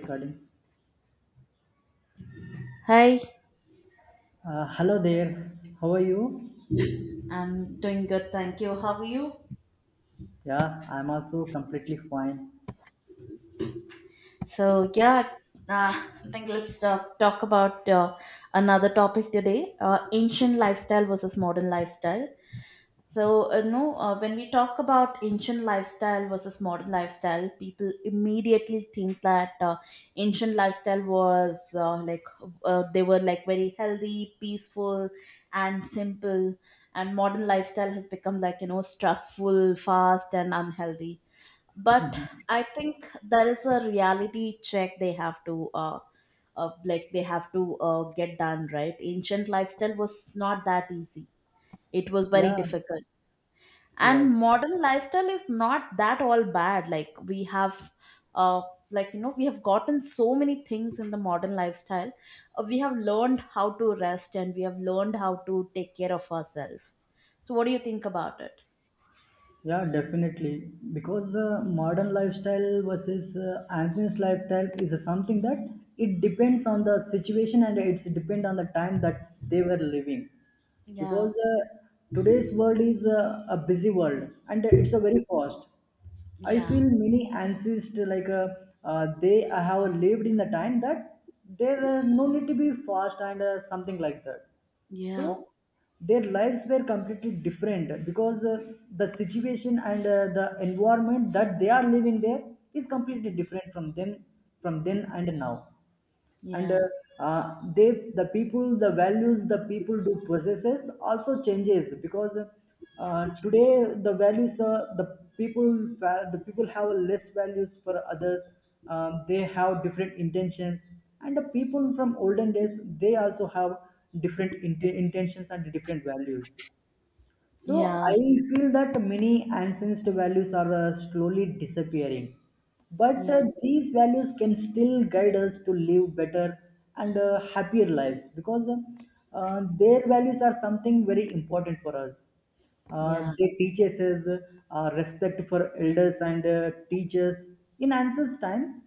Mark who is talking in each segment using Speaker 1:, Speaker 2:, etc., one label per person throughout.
Speaker 1: Recording.
Speaker 2: Hi.
Speaker 1: Hello there. How are you?
Speaker 2: I'm doing good, thank you. How are you?
Speaker 1: Yeah, I'm also completely fine.
Speaker 2: So yeah, Uh, I think let's talk about another topic today: ancient lifestyle versus modern lifestyle. So, when we talk about ancient lifestyle versus modern lifestyle, people immediately think that ancient lifestyle was they were like very healthy, peaceful, and simple, and modern lifestyle has become like, stressful, fast, and unhealthy. But
Speaker 1: Mhm.
Speaker 2: I think there is a reality check they have to, they have to get done. Right? Ancient lifestyle was not that easy, it was very
Speaker 1: Yeah,
Speaker 2: difficult, and
Speaker 1: yes.
Speaker 2: modern lifestyle is not that all bad. Like, we have uh like you know we have gotten so many things in the modern lifestyle. We have learned how to rest, and we have learned how to take care of ourselves. So what do you think about it?
Speaker 1: Yeah, definitely. Because modern lifestyle versus ancient lifestyle is something that it depends on the situation and it's depend on the time that they were living,
Speaker 2: Yeah,
Speaker 1: because today's world is a busy world and it's a very fast. I
Speaker 2: yeah,
Speaker 1: feel many ancestors like they have lived in the time that there no need to be fast and something like that.
Speaker 2: yeah,
Speaker 1: So their lives were completely different because the situation and the environment that they are living there is completely different from them, from then and now, and
Speaker 2: yeah,
Speaker 1: they the people the values the people do possesses also changes because today the values the people the people have less values for others. They have different intentions, and the people from olden days they also have different intentions and different values. So
Speaker 2: yeah.
Speaker 1: I feel that many ancestor values are slowly disappearing, but
Speaker 2: Yeah,
Speaker 1: these values can still guide us to live better and happier lives, because their values are something very important for us.
Speaker 2: yeah,
Speaker 1: They teach us respect for elders and teachers. In ancestors' time,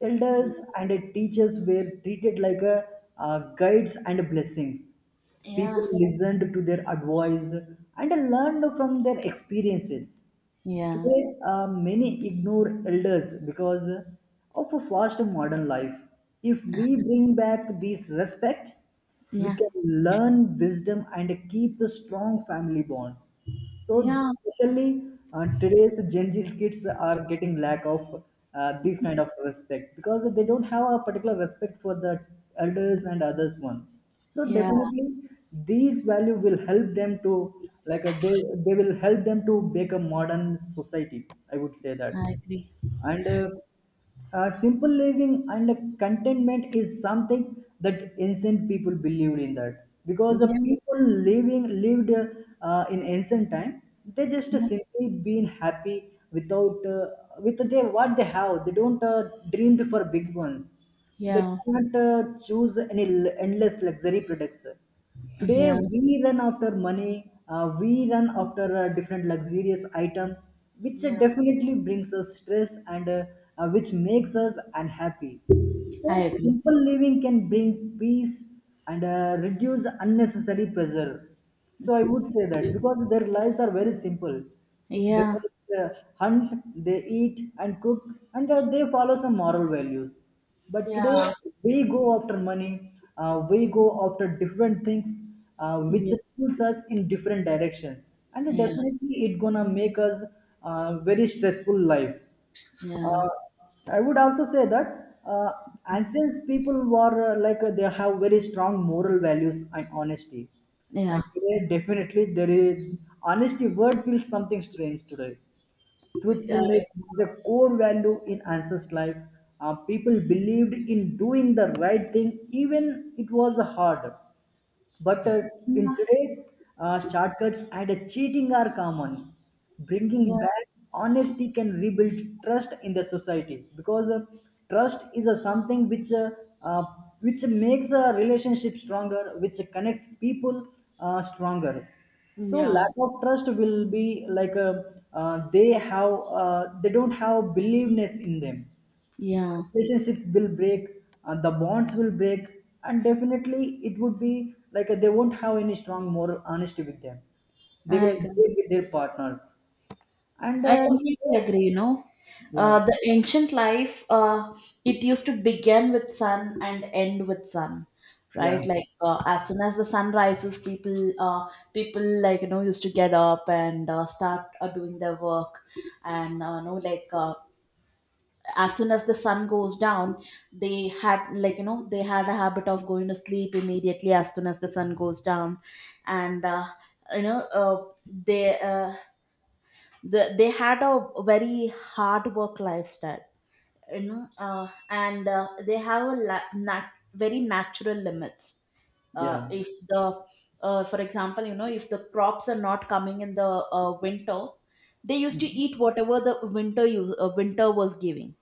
Speaker 1: elders
Speaker 2: yeah,
Speaker 1: and teachers were treated like guides and blessings. People
Speaker 2: yeah,
Speaker 1: listened to their advice and learned from their experiences.
Speaker 2: yeah,
Speaker 1: Today, many ignore elders because of a fast modern life. If we bring back this respect, we
Speaker 2: yeah,
Speaker 1: can learn wisdom and keep the strong family bonds. So,
Speaker 2: yeah,
Speaker 1: especially today's Gen Z kids are getting lack of this kind of respect because they don't have a particular respect for the elders and others one, so
Speaker 2: yeah,
Speaker 1: definitely these value will help them to, like a, they will help them to make a modern society, I would say that.
Speaker 2: I agree.
Speaker 1: And simple living and contentment is something that ancient people believed in that, because
Speaker 2: Yeah,
Speaker 1: the people living lived in ancient time they just simply been happy without with their what they have, they don't dreamed for big ones.
Speaker 2: yeah,
Speaker 1: They
Speaker 2: yeah,
Speaker 1: did not choose any endless luxury products. Today
Speaker 2: yeah,
Speaker 1: we run after money, we run after a different luxurious item, which
Speaker 2: yeah,
Speaker 1: definitely brings us stress and which makes us unhappy.
Speaker 2: I
Speaker 1: So
Speaker 2: agree.
Speaker 1: simple living can bring peace and reduce unnecessary pressure. So I would say that because their lives are very simple. They
Speaker 2: Yeah,
Speaker 1: uh, hunt, they eat and cook, and they follow some moral values. But
Speaker 2: yeah,
Speaker 1: today we go after money, we go after different things, which
Speaker 2: yeah,
Speaker 1: pulls us in different directions, and
Speaker 2: yeah, yeah,
Speaker 1: definitely it gonna make us very stressful life. Uh, I would also say that ancient people were like they have very strong moral values and honesty, and
Speaker 2: yeah,
Speaker 1: today definitely there is honesty word feels something strange today.
Speaker 2: I-
Speaker 1: Truthfulness was the core value in ancient life. People believed in doing the right thing even it was hard. But in
Speaker 2: yeah,
Speaker 1: today, shortcuts and cheating are common. Bringing
Speaker 2: yeah,
Speaker 1: back honesty can rebuild trust in the society, because trust is a something uh, which makes a relationship stronger, which connects people stronger. So
Speaker 2: yeah,
Speaker 1: lack of trust will be like a, they have they don't have believeness in them,
Speaker 2: yeah.
Speaker 1: relationship will break and the bonds will break, and definitely it would be like they won't have any strong moral honesty with them, they
Speaker 2: I
Speaker 1: will
Speaker 2: agree.
Speaker 1: break with their partners and
Speaker 2: I completely agree.
Speaker 1: yeah,
Speaker 2: The ancient life, it used to begin with sun and end with sun,
Speaker 1: yeah,
Speaker 2: right? Like, as soon as the sun rises, people, used to get up and start doing their work, and as soon as the sun goes down, they had like you know they had a habit of going to sleep immediately as soon as the sun goes down, and you know uh, they. Uh, they had a very hard work lifestyle, and they have very natural limits. uh,
Speaker 1: yeah.
Speaker 2: if the uh, for example you know if the crops are not coming in the winter, they used to
Speaker 1: Mhm.
Speaker 2: eat whatever the winter was giving.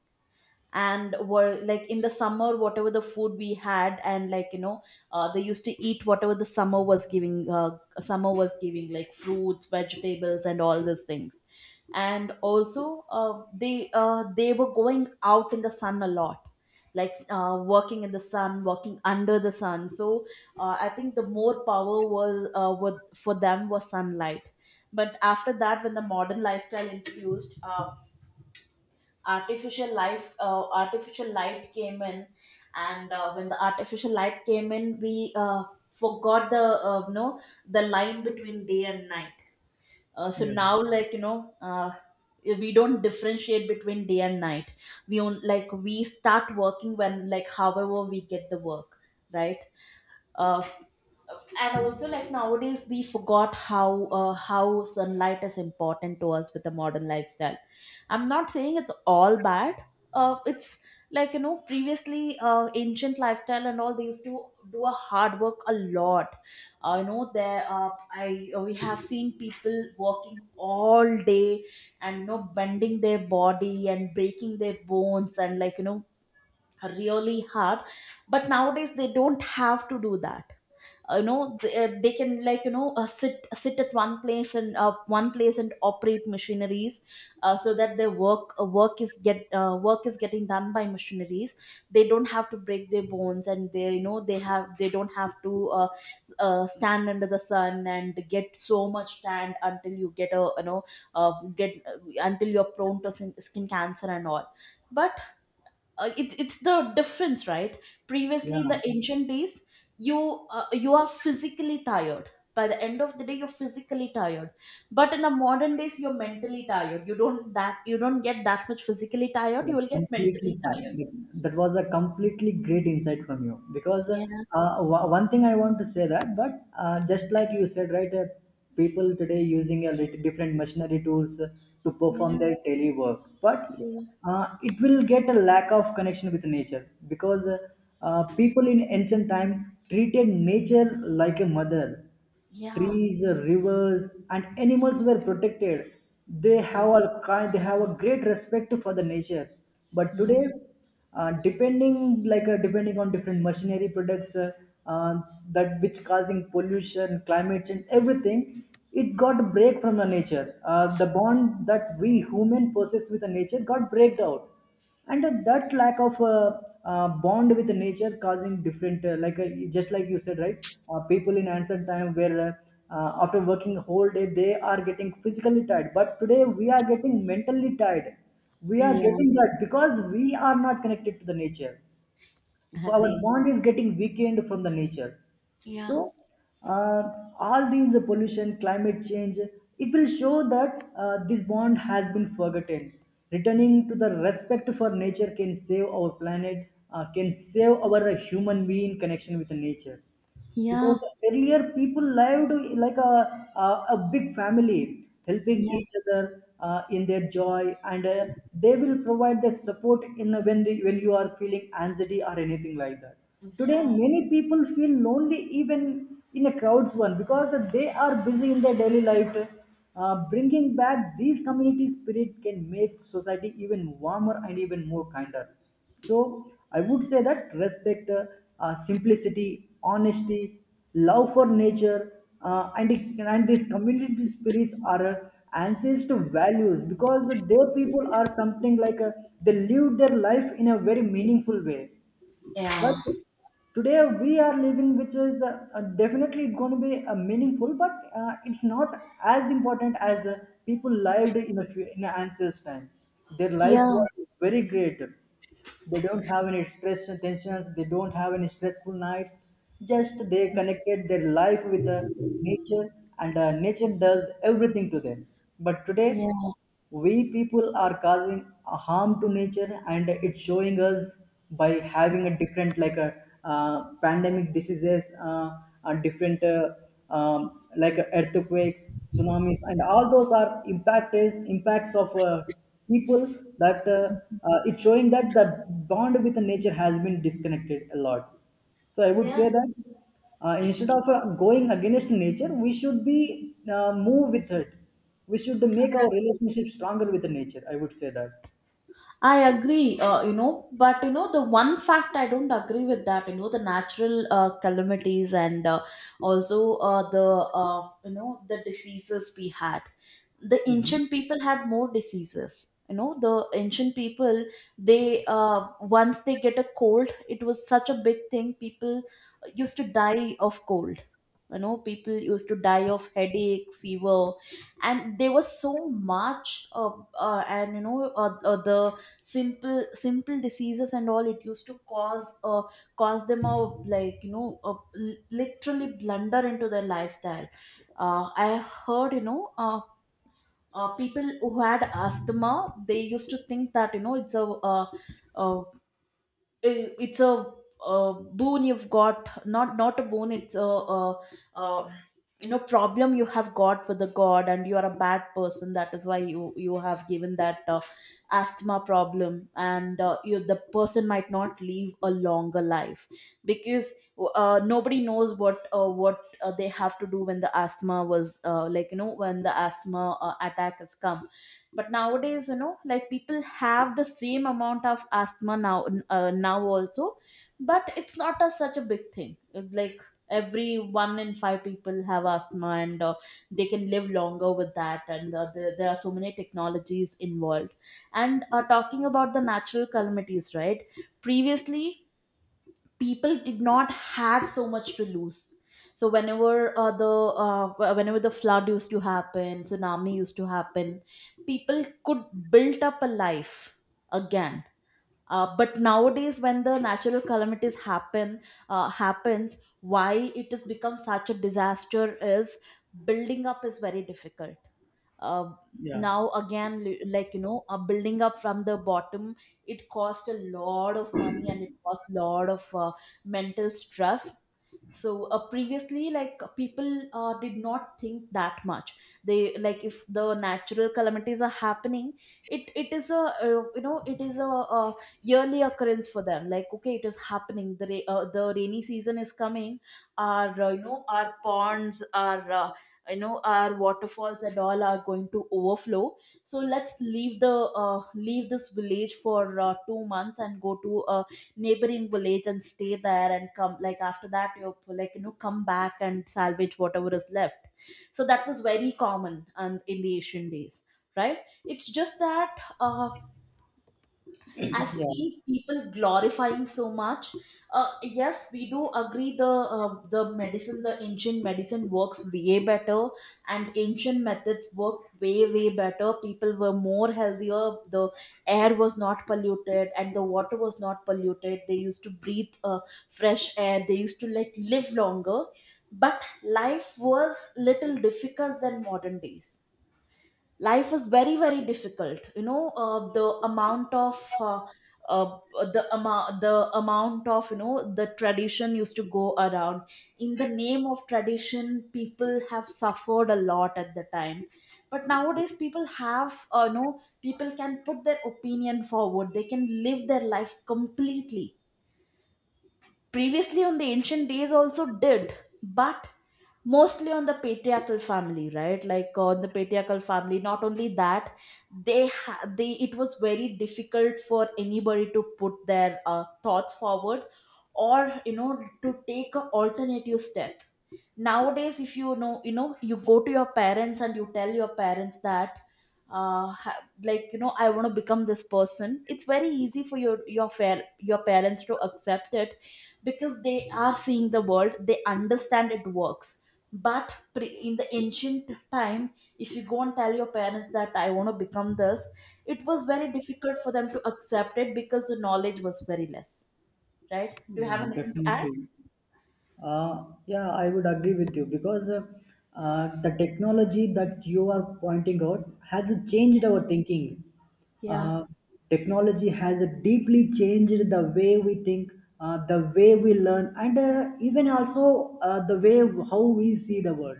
Speaker 2: And were, like, in the summer, whatever the food we had, and, they used to eat whatever the summer was giving, like fruits, vegetables, and all those things. And also, they were going out in the sun a lot, like, working in the sun, working under the sun. So, I think the more power for them was sunlight. But after that, when the modern lifestyle introduced, artificial light came in. And when the artificial light came in, we forgot, the you know the line between day and night. So
Speaker 1: Yeah,
Speaker 2: now, we don't differentiate between day and night. We start working when, like, however we get the work, right? Uh, and also, like, nowadays we forgot how sunlight is important to us with the modern lifestyle. I'm not saying it's all bad. It's like you know Previously, ancient lifestyle and all, they used to do a hard work a lot. You know there I We have seen people working all day, and, bending their body and breaking their bones, and, really hard. But nowadays they don't have to do that. They can, sit at one place and operate machineries. So that their work is getting done by machineries. They don't have to break their bones, and they you know they have they don't have to, stand under the sun and get so much tan, until you get a you know uh, get until you're prone to skin cancer and all. But it's the difference, right? Previously, in
Speaker 1: yeah.
Speaker 2: the ancient days, you you are physically tired. By the end of the day you're physically tired. But in the modern days you're mentally tired. You don't get that much physically tired,
Speaker 1: Yeah,
Speaker 2: you will get
Speaker 1: completely
Speaker 2: mentally
Speaker 1: fine.
Speaker 2: tired.
Speaker 1: Like, that was a completely great insight from you, because
Speaker 2: Yeah,
Speaker 1: one thing I want to say that, but just like you said, right, people today using a little different machinery tools to perform
Speaker 2: yeah,
Speaker 1: their daily work, but
Speaker 2: yeah,
Speaker 1: it will get a lack of connection with nature, because people in ancient time treated nature like a mother,
Speaker 2: yeah,
Speaker 1: trees, rivers, and animals were protected. They
Speaker 2: yeah,
Speaker 1: have a kind, they have a great respect for the nature. But
Speaker 2: yeah,
Speaker 1: today, depending like depending on different machinery products uh, that which causing pollution, climate change, everything, it got break from the nature. The bond that we human possess with the nature got breaked out, and that lack of bond with nature causing different like just like you said right, people in ancient time were after working whole day they are getting physically tired but today we are getting mentally tired, we are
Speaker 2: yeah,
Speaker 1: getting that because we are not connected to the nature, our
Speaker 2: agree.
Speaker 1: bond is getting weakened from the nature.
Speaker 2: Yeah,
Speaker 1: So uh, all these pollution, climate change, it will show that this bond has been forgotten. Returning to the respect for nature can save our planet, can save our human being connection with nature, because
Speaker 2: yeah,
Speaker 1: earlier people lived, like a, a big family helping
Speaker 2: yeah,
Speaker 1: each other in their joy and they will provide the support in a- when, they, when you are feeling anxiety or anything like that, today
Speaker 2: yeah,
Speaker 1: many people feel lonely even in a crowd's one because they are busy in their daily life. Bringing back these community spirit can make society even warmer and even more kinder. So I would say that respect, simplicity, honesty, love for nature, and it- and these community spirits are ancestral values, because their people are something like they lived their life in a very meaningful way. But
Speaker 2: yeah,
Speaker 1: today we are living, which is definitely going to be meaningful, but it's not as important as people lived in the in the ancestors' time. Their life
Speaker 2: yeah,
Speaker 1: was very great, they don't have any stress and tensions, they don't have any stressful nights, just they connected their life with nature and nature does everything to them, but today we people are causing a harm to nature and it's showing us by having a different, like a, pandemic diseases and different like earthquakes, tsunamis, and all those are impacts of people that it's showing that the bond with nature has been disconnected a lot. So I would
Speaker 2: yeah.
Speaker 1: say that instead of going against nature, we should be move with it. We should make our
Speaker 2: Yeah.
Speaker 1: relationship stronger with the nature. I would say that.
Speaker 2: I agree, you know, but, the one fact I don't agree with that, the natural calamities, and also, the diseases we had. The
Speaker 1: Hmm.
Speaker 2: ancient people had more diseases. The ancient people, they, once they get a cold it was such a big thing. People used to die of cold. People used to die of headache, fever. And there was so much, and you know the simple diseases and all, it used to cause them a, like, a, literally, blunder into their lifestyle. I heard, people who had asthma, they used to think that, it's a, uh, uh, it's a, uh, boon you've got. Not a boon, it's a, uh uh problem you have got with the god, and you are a bad person, that is why you have given that, asthma problem. And you, the person, might not live a longer life, because nobody knows what they have to do when the asthma was uh, like you know when, the asthma attack has come. But nowadays, like, people have the same amount of asthma now also, but it's not a such a big thing. Like, every one in five people have asthma, and they can live longer with that. And there are so many technologies involved. And talking about the natural calamities, right, previously people did not had so much to lose. So whenever the flood used to happen, tsunami used to happen, people could build up a life again. But nowadays when the natural calamities happens, why it has become such a disaster is, building up is very difficult. uh,
Speaker 1: Yeah,
Speaker 2: Now again, building up from the bottom, it cost a lot of money, and it cost a lot of mental stress. So previously, like, people did not think that much. They, like, if the natural calamities are happening, it is a, it is a, yearly occurrence for them, like, okay, it is happening, the rainy season is coming, our ponds, our you know our waterfalls and all are going to overflow. So let's leave the, leave this village for 2 months, and go to a neighboring village and stay there, and come, like, after that you, like, come back and salvage whatever is left. So that was very common and in the ancient days, right. It's just that, I've
Speaker 1: yeah,
Speaker 2: seen people glorifying so much. Yes, we do agree, the medicine, the ancient medicine works way better, and ancient methods work way way better. People were more healthier. The air was not polluted, and the water was not polluted. They used to breathe fresh air. They used to, like, live longer. But life was little difficult than modern days. Life is very very difficult. The amount of, uh, the amount of, the tradition used to go around. In the name of tradition, people have suffered a lot at the time. But nowadays, people have you know people can put their opinion forward, they can live their life completely. Previously on the ancient days also did, but mostly on the patriarchal family, right, like on the patriarchal family. Not only that, they ha- they it was very difficult for anybody to put their thoughts forward, or, to take a alternative step. Nowadays, if you know, you go to your parents and you tell your parents that, I want to become this person. It's very easy for your parents to accept it, because they are seeing the world, they understand it works. But in the ancient time, if you go and tell your parents that, I want to become this, it was very difficult for them to accept it because the knowledge was very less. Right, do you have
Speaker 1: yeah,
Speaker 2: anything to add?
Speaker 1: definitely. Yeah, I would agree with you because the technology that you are pointing out has changed our thinking. Uh,
Speaker 2: Yeah.
Speaker 1: technology has deeply changed the way we think, the way we learn, and even also the way how we see the world.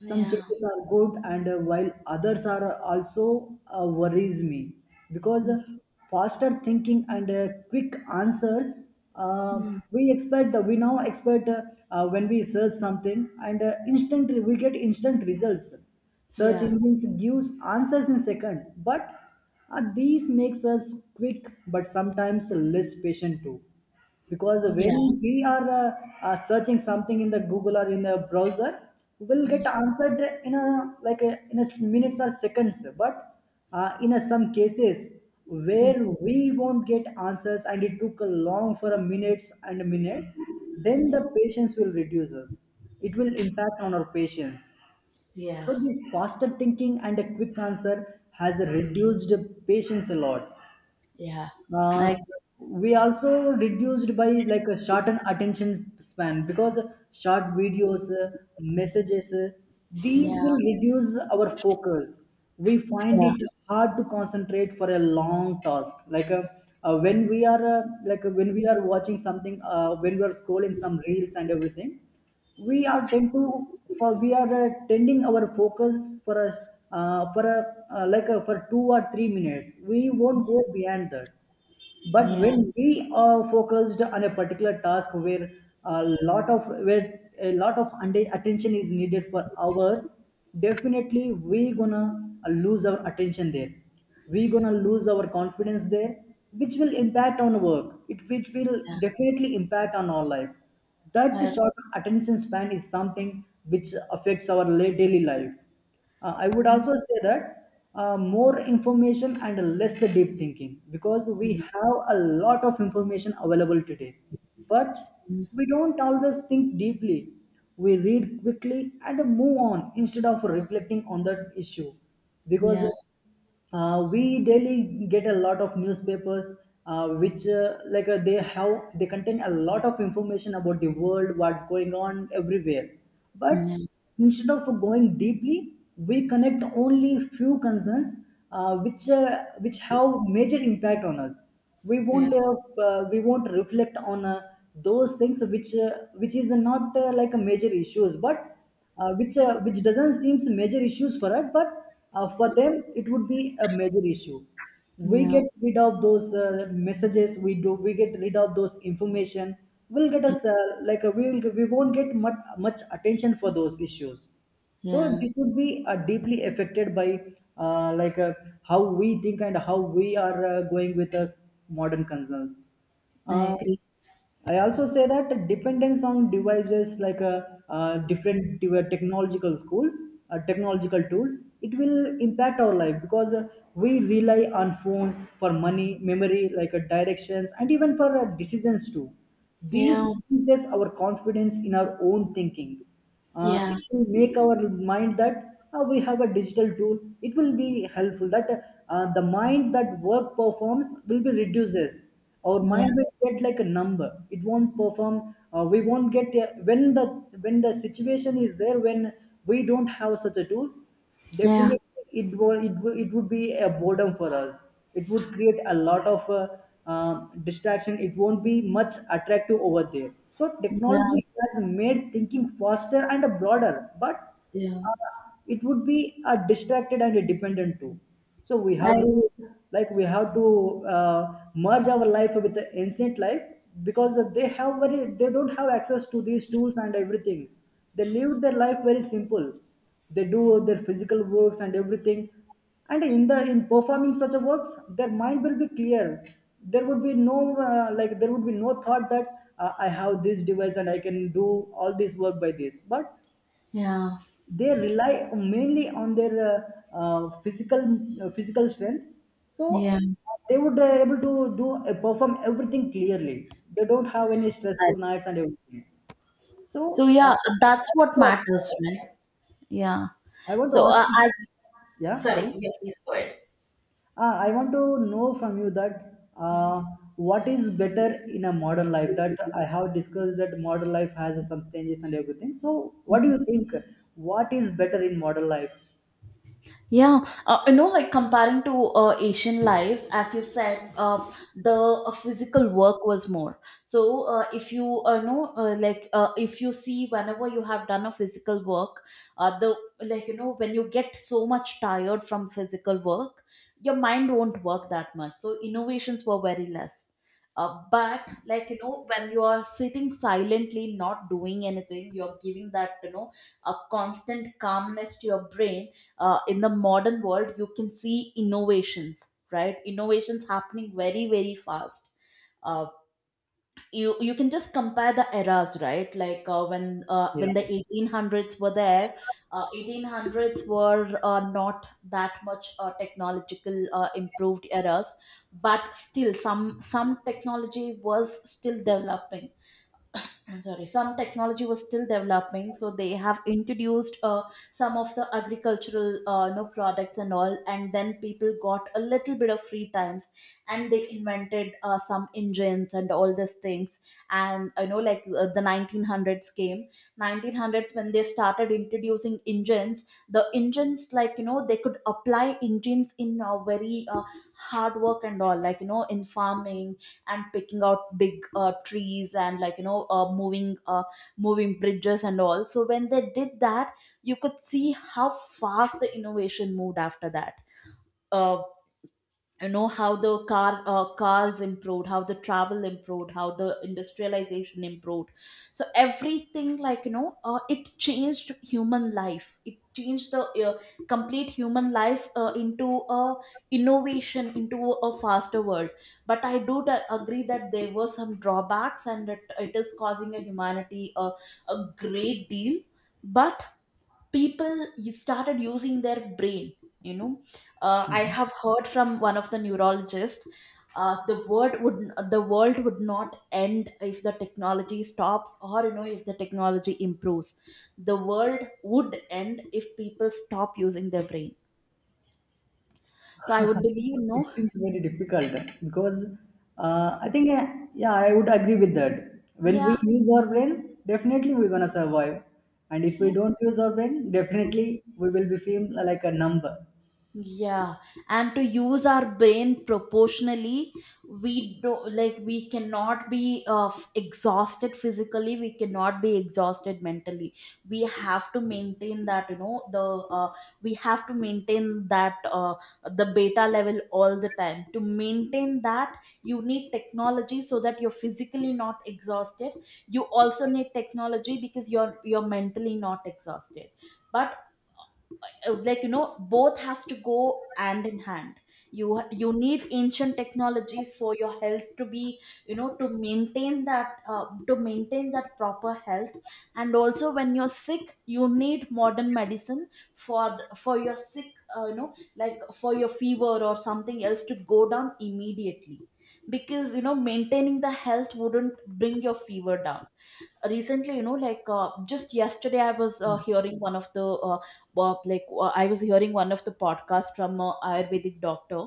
Speaker 1: Some
Speaker 2: Yeah.
Speaker 1: changes are good, and while others are also worries me, because faster thinking and quick answers. Uh,
Speaker 2: Hmm.
Speaker 1: we now expect when we search something and instant we get instant results. Search
Speaker 2: Yeah.
Speaker 1: engines gives answers in second, but these makes us quick but sometimes less patient too, because
Speaker 2: Yeah,
Speaker 1: when we are searching something in the google or in the browser will get
Speaker 2: yeah,
Speaker 1: answered in a, like a, in a minutes or seconds, but in a, some cases where
Speaker 2: mm,
Speaker 1: we won't get answers and it took a long for a minutes and minutes, then
Speaker 2: yeah,
Speaker 1: the patience will reduce us, it will impact on our patience.
Speaker 2: yeah,
Speaker 1: So this faster thinking and a quick answer has reduced patience a lot.
Speaker 2: yeah,
Speaker 1: uh,
Speaker 2: I,
Speaker 1: we also reduced by like a shortened attention span, because short videos messages these
Speaker 2: yeah,
Speaker 1: will reduce our focus, we find
Speaker 2: yeah,
Speaker 1: it hard to concentrate for a long task like when we are like when we are watching something when we are scrolling some reels and everything, we are tending our focus for a like a, for 2 or 3 minutes we won't go beyond that. But
Speaker 2: yeah,
Speaker 1: when we are focused on a particular task where a lot of attention is needed for hours, definitely we gonna lose our attention there, we gonna lose our confidence there, which will impact on work it which will
Speaker 2: yeah,
Speaker 1: definitely impact on our life. That
Speaker 2: I,
Speaker 1: short attention span is something which affects our daily life. I would
Speaker 2: mm,
Speaker 1: also say that more information and less deep thinking, because we have a lot of information available today, but we don't always think deeply. We read quickly and move on instead of reflecting on that issue because
Speaker 2: yeah,
Speaker 1: we daily get a lot of newspapers which like they contain a lot of information about the world, what's going on everywhere, but
Speaker 2: yeah,
Speaker 1: instead of going deeply we connect only few concerns which have major impact on us. we
Speaker 2: yeah,
Speaker 1: won't uh, uh, we won't reflect on those things which is not like a major issues, but which doesn't seem major issues for us, but for them it would be a major issue. We
Speaker 2: yeah,
Speaker 1: get rid of those messages. We do. We get rid of those information. We'll get
Speaker 2: yeah,
Speaker 1: us like we will we won't get much attention for those issues. So
Speaker 2: yeah,
Speaker 1: this would be deeply affected by uh, like uh, how we think and how we are going with modern concerns.
Speaker 2: I
Speaker 1: Um,
Speaker 2: agree.
Speaker 1: I also say that the dependence on devices, like technological schools, technological tools, it will impact our life because we rely on phones for money, memory, like directions, and even for decisions too. These
Speaker 2: Yeah,
Speaker 1: reduces our confidence in our own thinking. Uh, it
Speaker 2: yeah,
Speaker 1: will make our mind that we have a digital tool, it will be helpful that the mind that work performs will be reduces. Our
Speaker 2: yeah,
Speaker 1: mind will get like a number, it won't perform. We won't get When the when the situation is there, when we don't have such a tools.
Speaker 2: yeah,
Speaker 1: Definitely, it would be a boredom for us. It would create a lot of distraction. It won't be much attractive over there. So
Speaker 2: yeah,
Speaker 1: technology has made thinking faster and broader, but
Speaker 2: yeah,
Speaker 1: uh, it would be a distracted and a dependent too. So we have
Speaker 2: I,
Speaker 1: to like we have to merge our life with the ancient life, because they have very, they don't have access to these tools and everything. They live their life very simple, they do their physical works and everything, and in the in performing such a works their mind will be clear. There would be no there would be no thought that I have this device and I can do all this work by this, but
Speaker 2: yeah,
Speaker 1: they rely mainly on their uh, uh, physical physical strength. So
Speaker 2: yeah.
Speaker 1: they would able to do perform everything clearly, they don't have any
Speaker 2: I,
Speaker 1: stressful nights and everything. So
Speaker 2: so yeah, that's what matters, right? Yeah.
Speaker 1: I want to
Speaker 2: So
Speaker 1: ask
Speaker 2: uh,
Speaker 1: you.
Speaker 2: I,
Speaker 1: Yeah,
Speaker 2: Sorry,
Speaker 1: sorry.
Speaker 2: yeah, please go ahead.
Speaker 1: I want to know from you that uh, what is better in a modern life, that I have discussed that modern life has some changes and everything, so what do you think, what is better in modern life?
Speaker 2: Yeah, like, comparing to Asian lives, as you said, the physical work was more. So, if you know, if you see whenever you have done a physical work, the like, you know, when you get so much tired from physical work, your mind won't work that much. So, innovations were very less. But like you know, when you are sitting silently not doing anything, you're giving that, you know, a constant calmness to your brain. Uh, in the modern world you can see innovations, right? Innovations happening very, very fast. Uh, you you can just compare the eras, right? Like
Speaker 1: Yeah,
Speaker 2: when the 1800s were there. 1800s were not that much technological improved eras, but still some technology was still developing. I'm sorry, some technology was still developing, so they have introduced some of the agricultural no products and all, and then people got a little bit of free times, and they invented some engines and all these things. And I know, like the 1900s came, 1900s when they started introducing engines. The engines, like you know, they could apply engines in a very hard work and all, like you know, in farming and picking out big trees, and like you know, moving bridges and all. So when they did that, you could see how fast the innovation moved after that. uh, you know, how the cars improved, how the travel improved, how the industrialization improved. So everything, like you know, it changed human life, it changed the complete human life into a innovation, into a faster world. But I agree that there were some drawbacks and it is causing a humanity a great deal. But people, you started using their brain, you know. I have heard from one of the neurologists, uh, the word would the world would not end if the technology stops, or you know, if the technology improves. The world would end if people stop using their brain. So I would believe,
Speaker 1: it
Speaker 2: no.
Speaker 1: seems very difficult, because I think yeah, I would agree with that. When we
Speaker 2: Yeah,
Speaker 1: use our brain, definitely we're gonna survive, and if we
Speaker 2: yeah,
Speaker 1: don't use our brain, definitely we will be feel like a number.
Speaker 2: yeah. And to use our brain proportionally, we do, like we cannot be exhausted physically, we cannot be exhausted mentally. We have to maintain that, you know, the uh, we have to maintain that the beta level all the time. To maintain that, you need technology so that you're physically not exhausted. You also need technology because you're mentally not exhausted. But like you know, both has to go hand in hand. You need ancient technologies for your health to be, you know, to maintain that proper health. And also when you're sick, you need modern medicine for for your sick. You know, like for your fever or something else to go down immediately, because you know, maintaining the health wouldn't bring your fever down. Recently, you know, like just yesterday I was hearing one of the uh, I was hearing one of the podcasts from a ayurvedic doctor,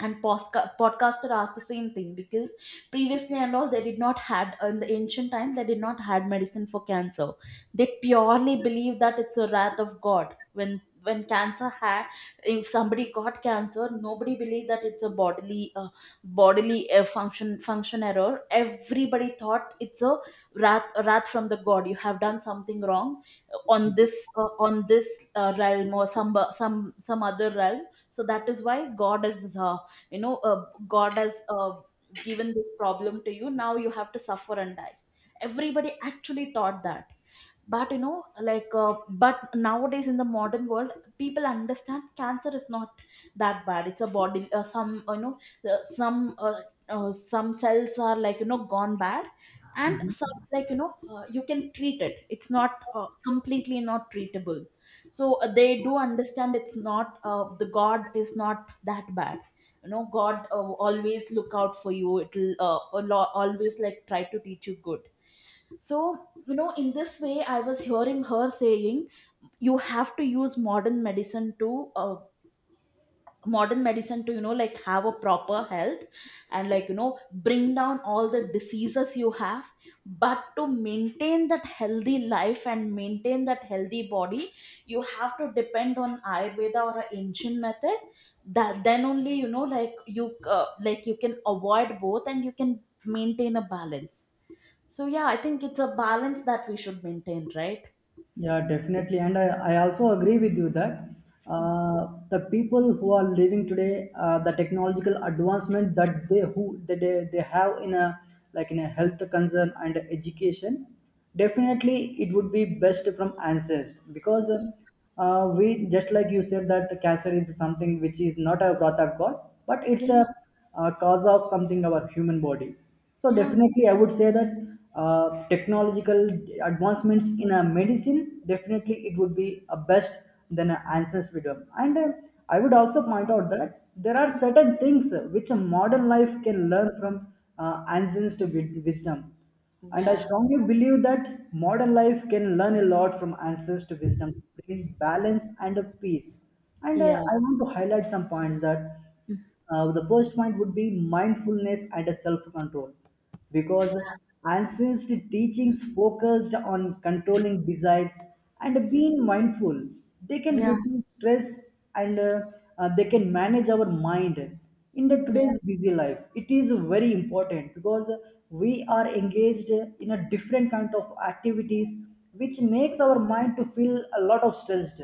Speaker 2: and podcaster asked the same thing. Because previously and all, they did not had, in the ancient time they did not had medicine for cancer. They purely believe that it's a wrath of god. When cancer had, if somebody got cancer, nobody believed that it's a bodily bodily function error. Everybody thought it's a wrath from the god, you have done something wrong on this realm, or some some other realm. So that is why god is, you know, god has given this problem to you, now you have to suffer and die. Everybody actually thought that. But you know, but nowadays in the modern world, people understand cancer is not that bad. It's a body, some you know, uh, some uh, some cells are, like you know, gone bad, and some, like you know, you can treat it, it's not completely not treatable. So they do understand it's not the god is not that bad. You know, god always look out for you, it'll always like try to teach you good. So, you know, in this way I was hearing her saying, you have to use modern medicine to uh, modern medicine to, you know, like have a proper health, and like you know, bring down all the diseases you have. But to maintain that healthy life and maintain that healthy body, you have to depend on ayurveda or an ancient method. That then only, you know, like you can avoid both and you can maintain a balance. So yeah, I think it's a balance that we should maintain, right?
Speaker 1: Yeah, definitely, and I also agree with you that the people who are living today, the technological advancement that they who that they have in a like in a health concern and education, definitely it would be best from ancestors, because we just like you said that cancer is something which is not a wrath of God, but it's a,
Speaker 2: Yeah,
Speaker 1: uh, cause of something our human body. So
Speaker 2: yeah.
Speaker 1: definitely I would say that technological advancements in a medicine, definitely it would be a best than an answers freedom. And I would also point out that there are certain things which a modern life can learn from wisdom, and I
Speaker 2: Yeah,
Speaker 1: strongly believe that modern life can learn a lot from ancestor wisdom to bring balance and a peace. And
Speaker 2: yeah,
Speaker 1: I want to highlight some points, that the first point would be mindfulness and a self-control, because ancient teachings focused on controlling desires and being mindful. They can
Speaker 2: yeah, yeah,
Speaker 1: reduce stress and they can manage our mind. In the today's busy life, it is very important because we are engaged in a different kind of activities, which makes our mind to feel a lot of stressed.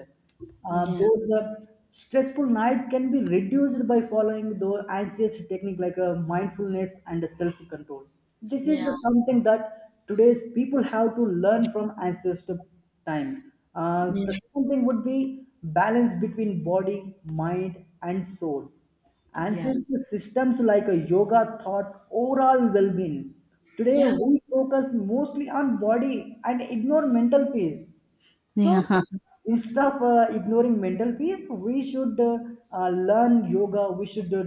Speaker 1: Those Stressful nights can be reduced by following the anxious technique, like mindfulness and self-control. This
Speaker 2: yeah,
Speaker 1: is
Speaker 2: yeah, yeah,
Speaker 1: the something that today's people have to learn from ancestor time. The second thing would be balance between body, mind, and soul.
Speaker 2: yeah, yeah,
Speaker 1: Ancestor systems like a yoga thought overall well-being. Today we focus mostly on body and ignore mental peace. So
Speaker 2: yeah,
Speaker 1: instead of ignoring mental peace, we should learn yoga. We should uh,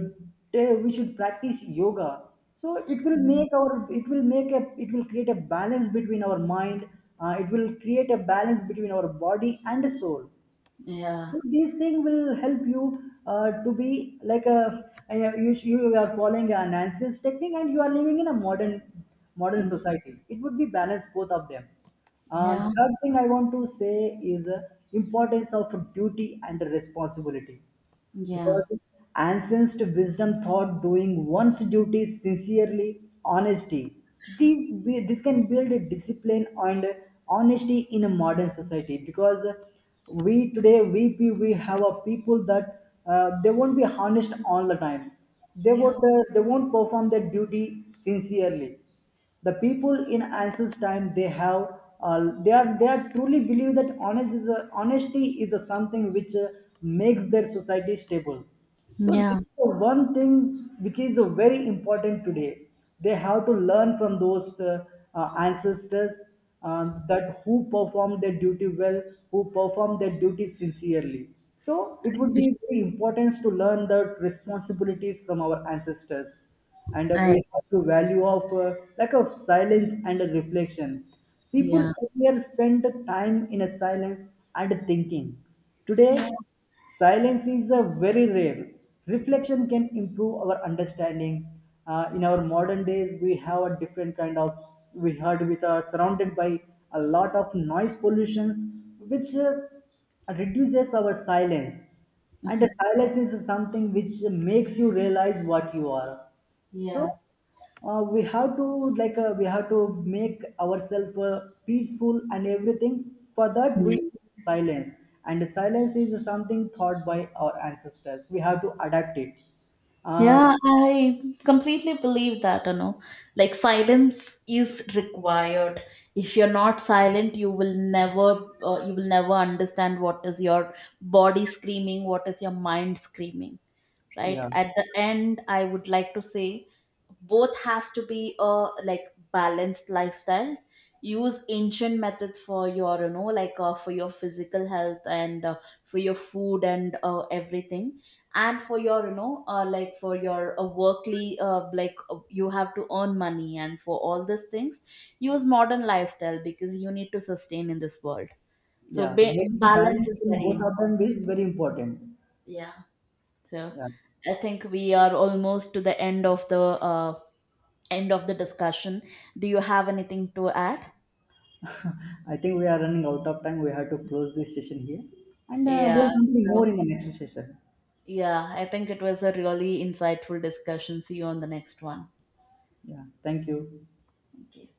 Speaker 1: ta- we should practice yoga. So it will make our it will make a it will create a balance between our mind. It will create a balance between our body and soul.
Speaker 2: yeah,
Speaker 1: So these thing will help you to be like a you, you are following an ancient technique, and you are living in a modern modern society, it would be balanced both of them. The third thing I want to say is importance of duty and responsibility,
Speaker 2: yeah,
Speaker 1: because ancient wisdom thought doing one's duty sincerely honesty, this can build a discipline and honesty in a modern society, because we today we pe- we have a people that they won't be honest all the time,
Speaker 2: yeah,
Speaker 1: they won't perform their duty sincerely. The people in ancient time they have they are truly believe that honesty is a something which makes their society stable. So this
Speaker 2: yeah.
Speaker 1: is the one thing which is very important today, they have to learn from those ancestors, that who perform their duty well, who perform their duty sincerely. So it
Speaker 2: I
Speaker 1: would be
Speaker 2: agree.
Speaker 1: very important to learn the responsibilities from our ancestors. And we
Speaker 2: I,
Speaker 1: have to value of lack of silence and a reflection. People
Speaker 2: yeah,
Speaker 1: earlier spent time in a silence and thinking. Today
Speaker 2: yeah,
Speaker 1: silence is a very rare, reflection can improve our understanding. In our modern days we have a different kind of, we heard with are surrounded by a lot of noise pollutions, which reduces our silence. And the silence is something which makes you realize what you are. So
Speaker 2: yeah.
Speaker 1: we have to make ourselves peaceful and everything. For that we
Speaker 2: Yeah.
Speaker 1: need silence, and silence is something taught by our ancestors. We have to adapt it. Uh,
Speaker 2: Yeah, I completely believe that, you know. Like silence is required. If you're not silent, you will never understand what is your body screaming, what is your mind screaming. Right,
Speaker 1: yeah,
Speaker 2: at the end I would like to say, both has to be a, like, balanced lifestyle. Use ancient methods for your, you know, like for your physical health and for your food and everything. And for your, you know, for your workly like you have to earn money, and for all these things use modern lifestyle because you need to sustain in this world. So
Speaker 1: yeah. Making
Speaker 2: balance
Speaker 1: balance
Speaker 2: is
Speaker 1: in
Speaker 2: very
Speaker 1: both of
Speaker 2: important.
Speaker 1: them is very important.
Speaker 2: Yeah. So
Speaker 1: Yeah,
Speaker 2: I think we are almost to the end of the end of the discussion. Do you have anything to add?
Speaker 1: I think we are running out of time. We have to close this session here, and
Speaker 2: Yeah.
Speaker 1: we'll continue more
Speaker 2: So,
Speaker 1: in the next session.
Speaker 2: yeah, I think it was a really insightful discussion. See you on the next one.
Speaker 1: Yeah, thank you.
Speaker 2: Okay.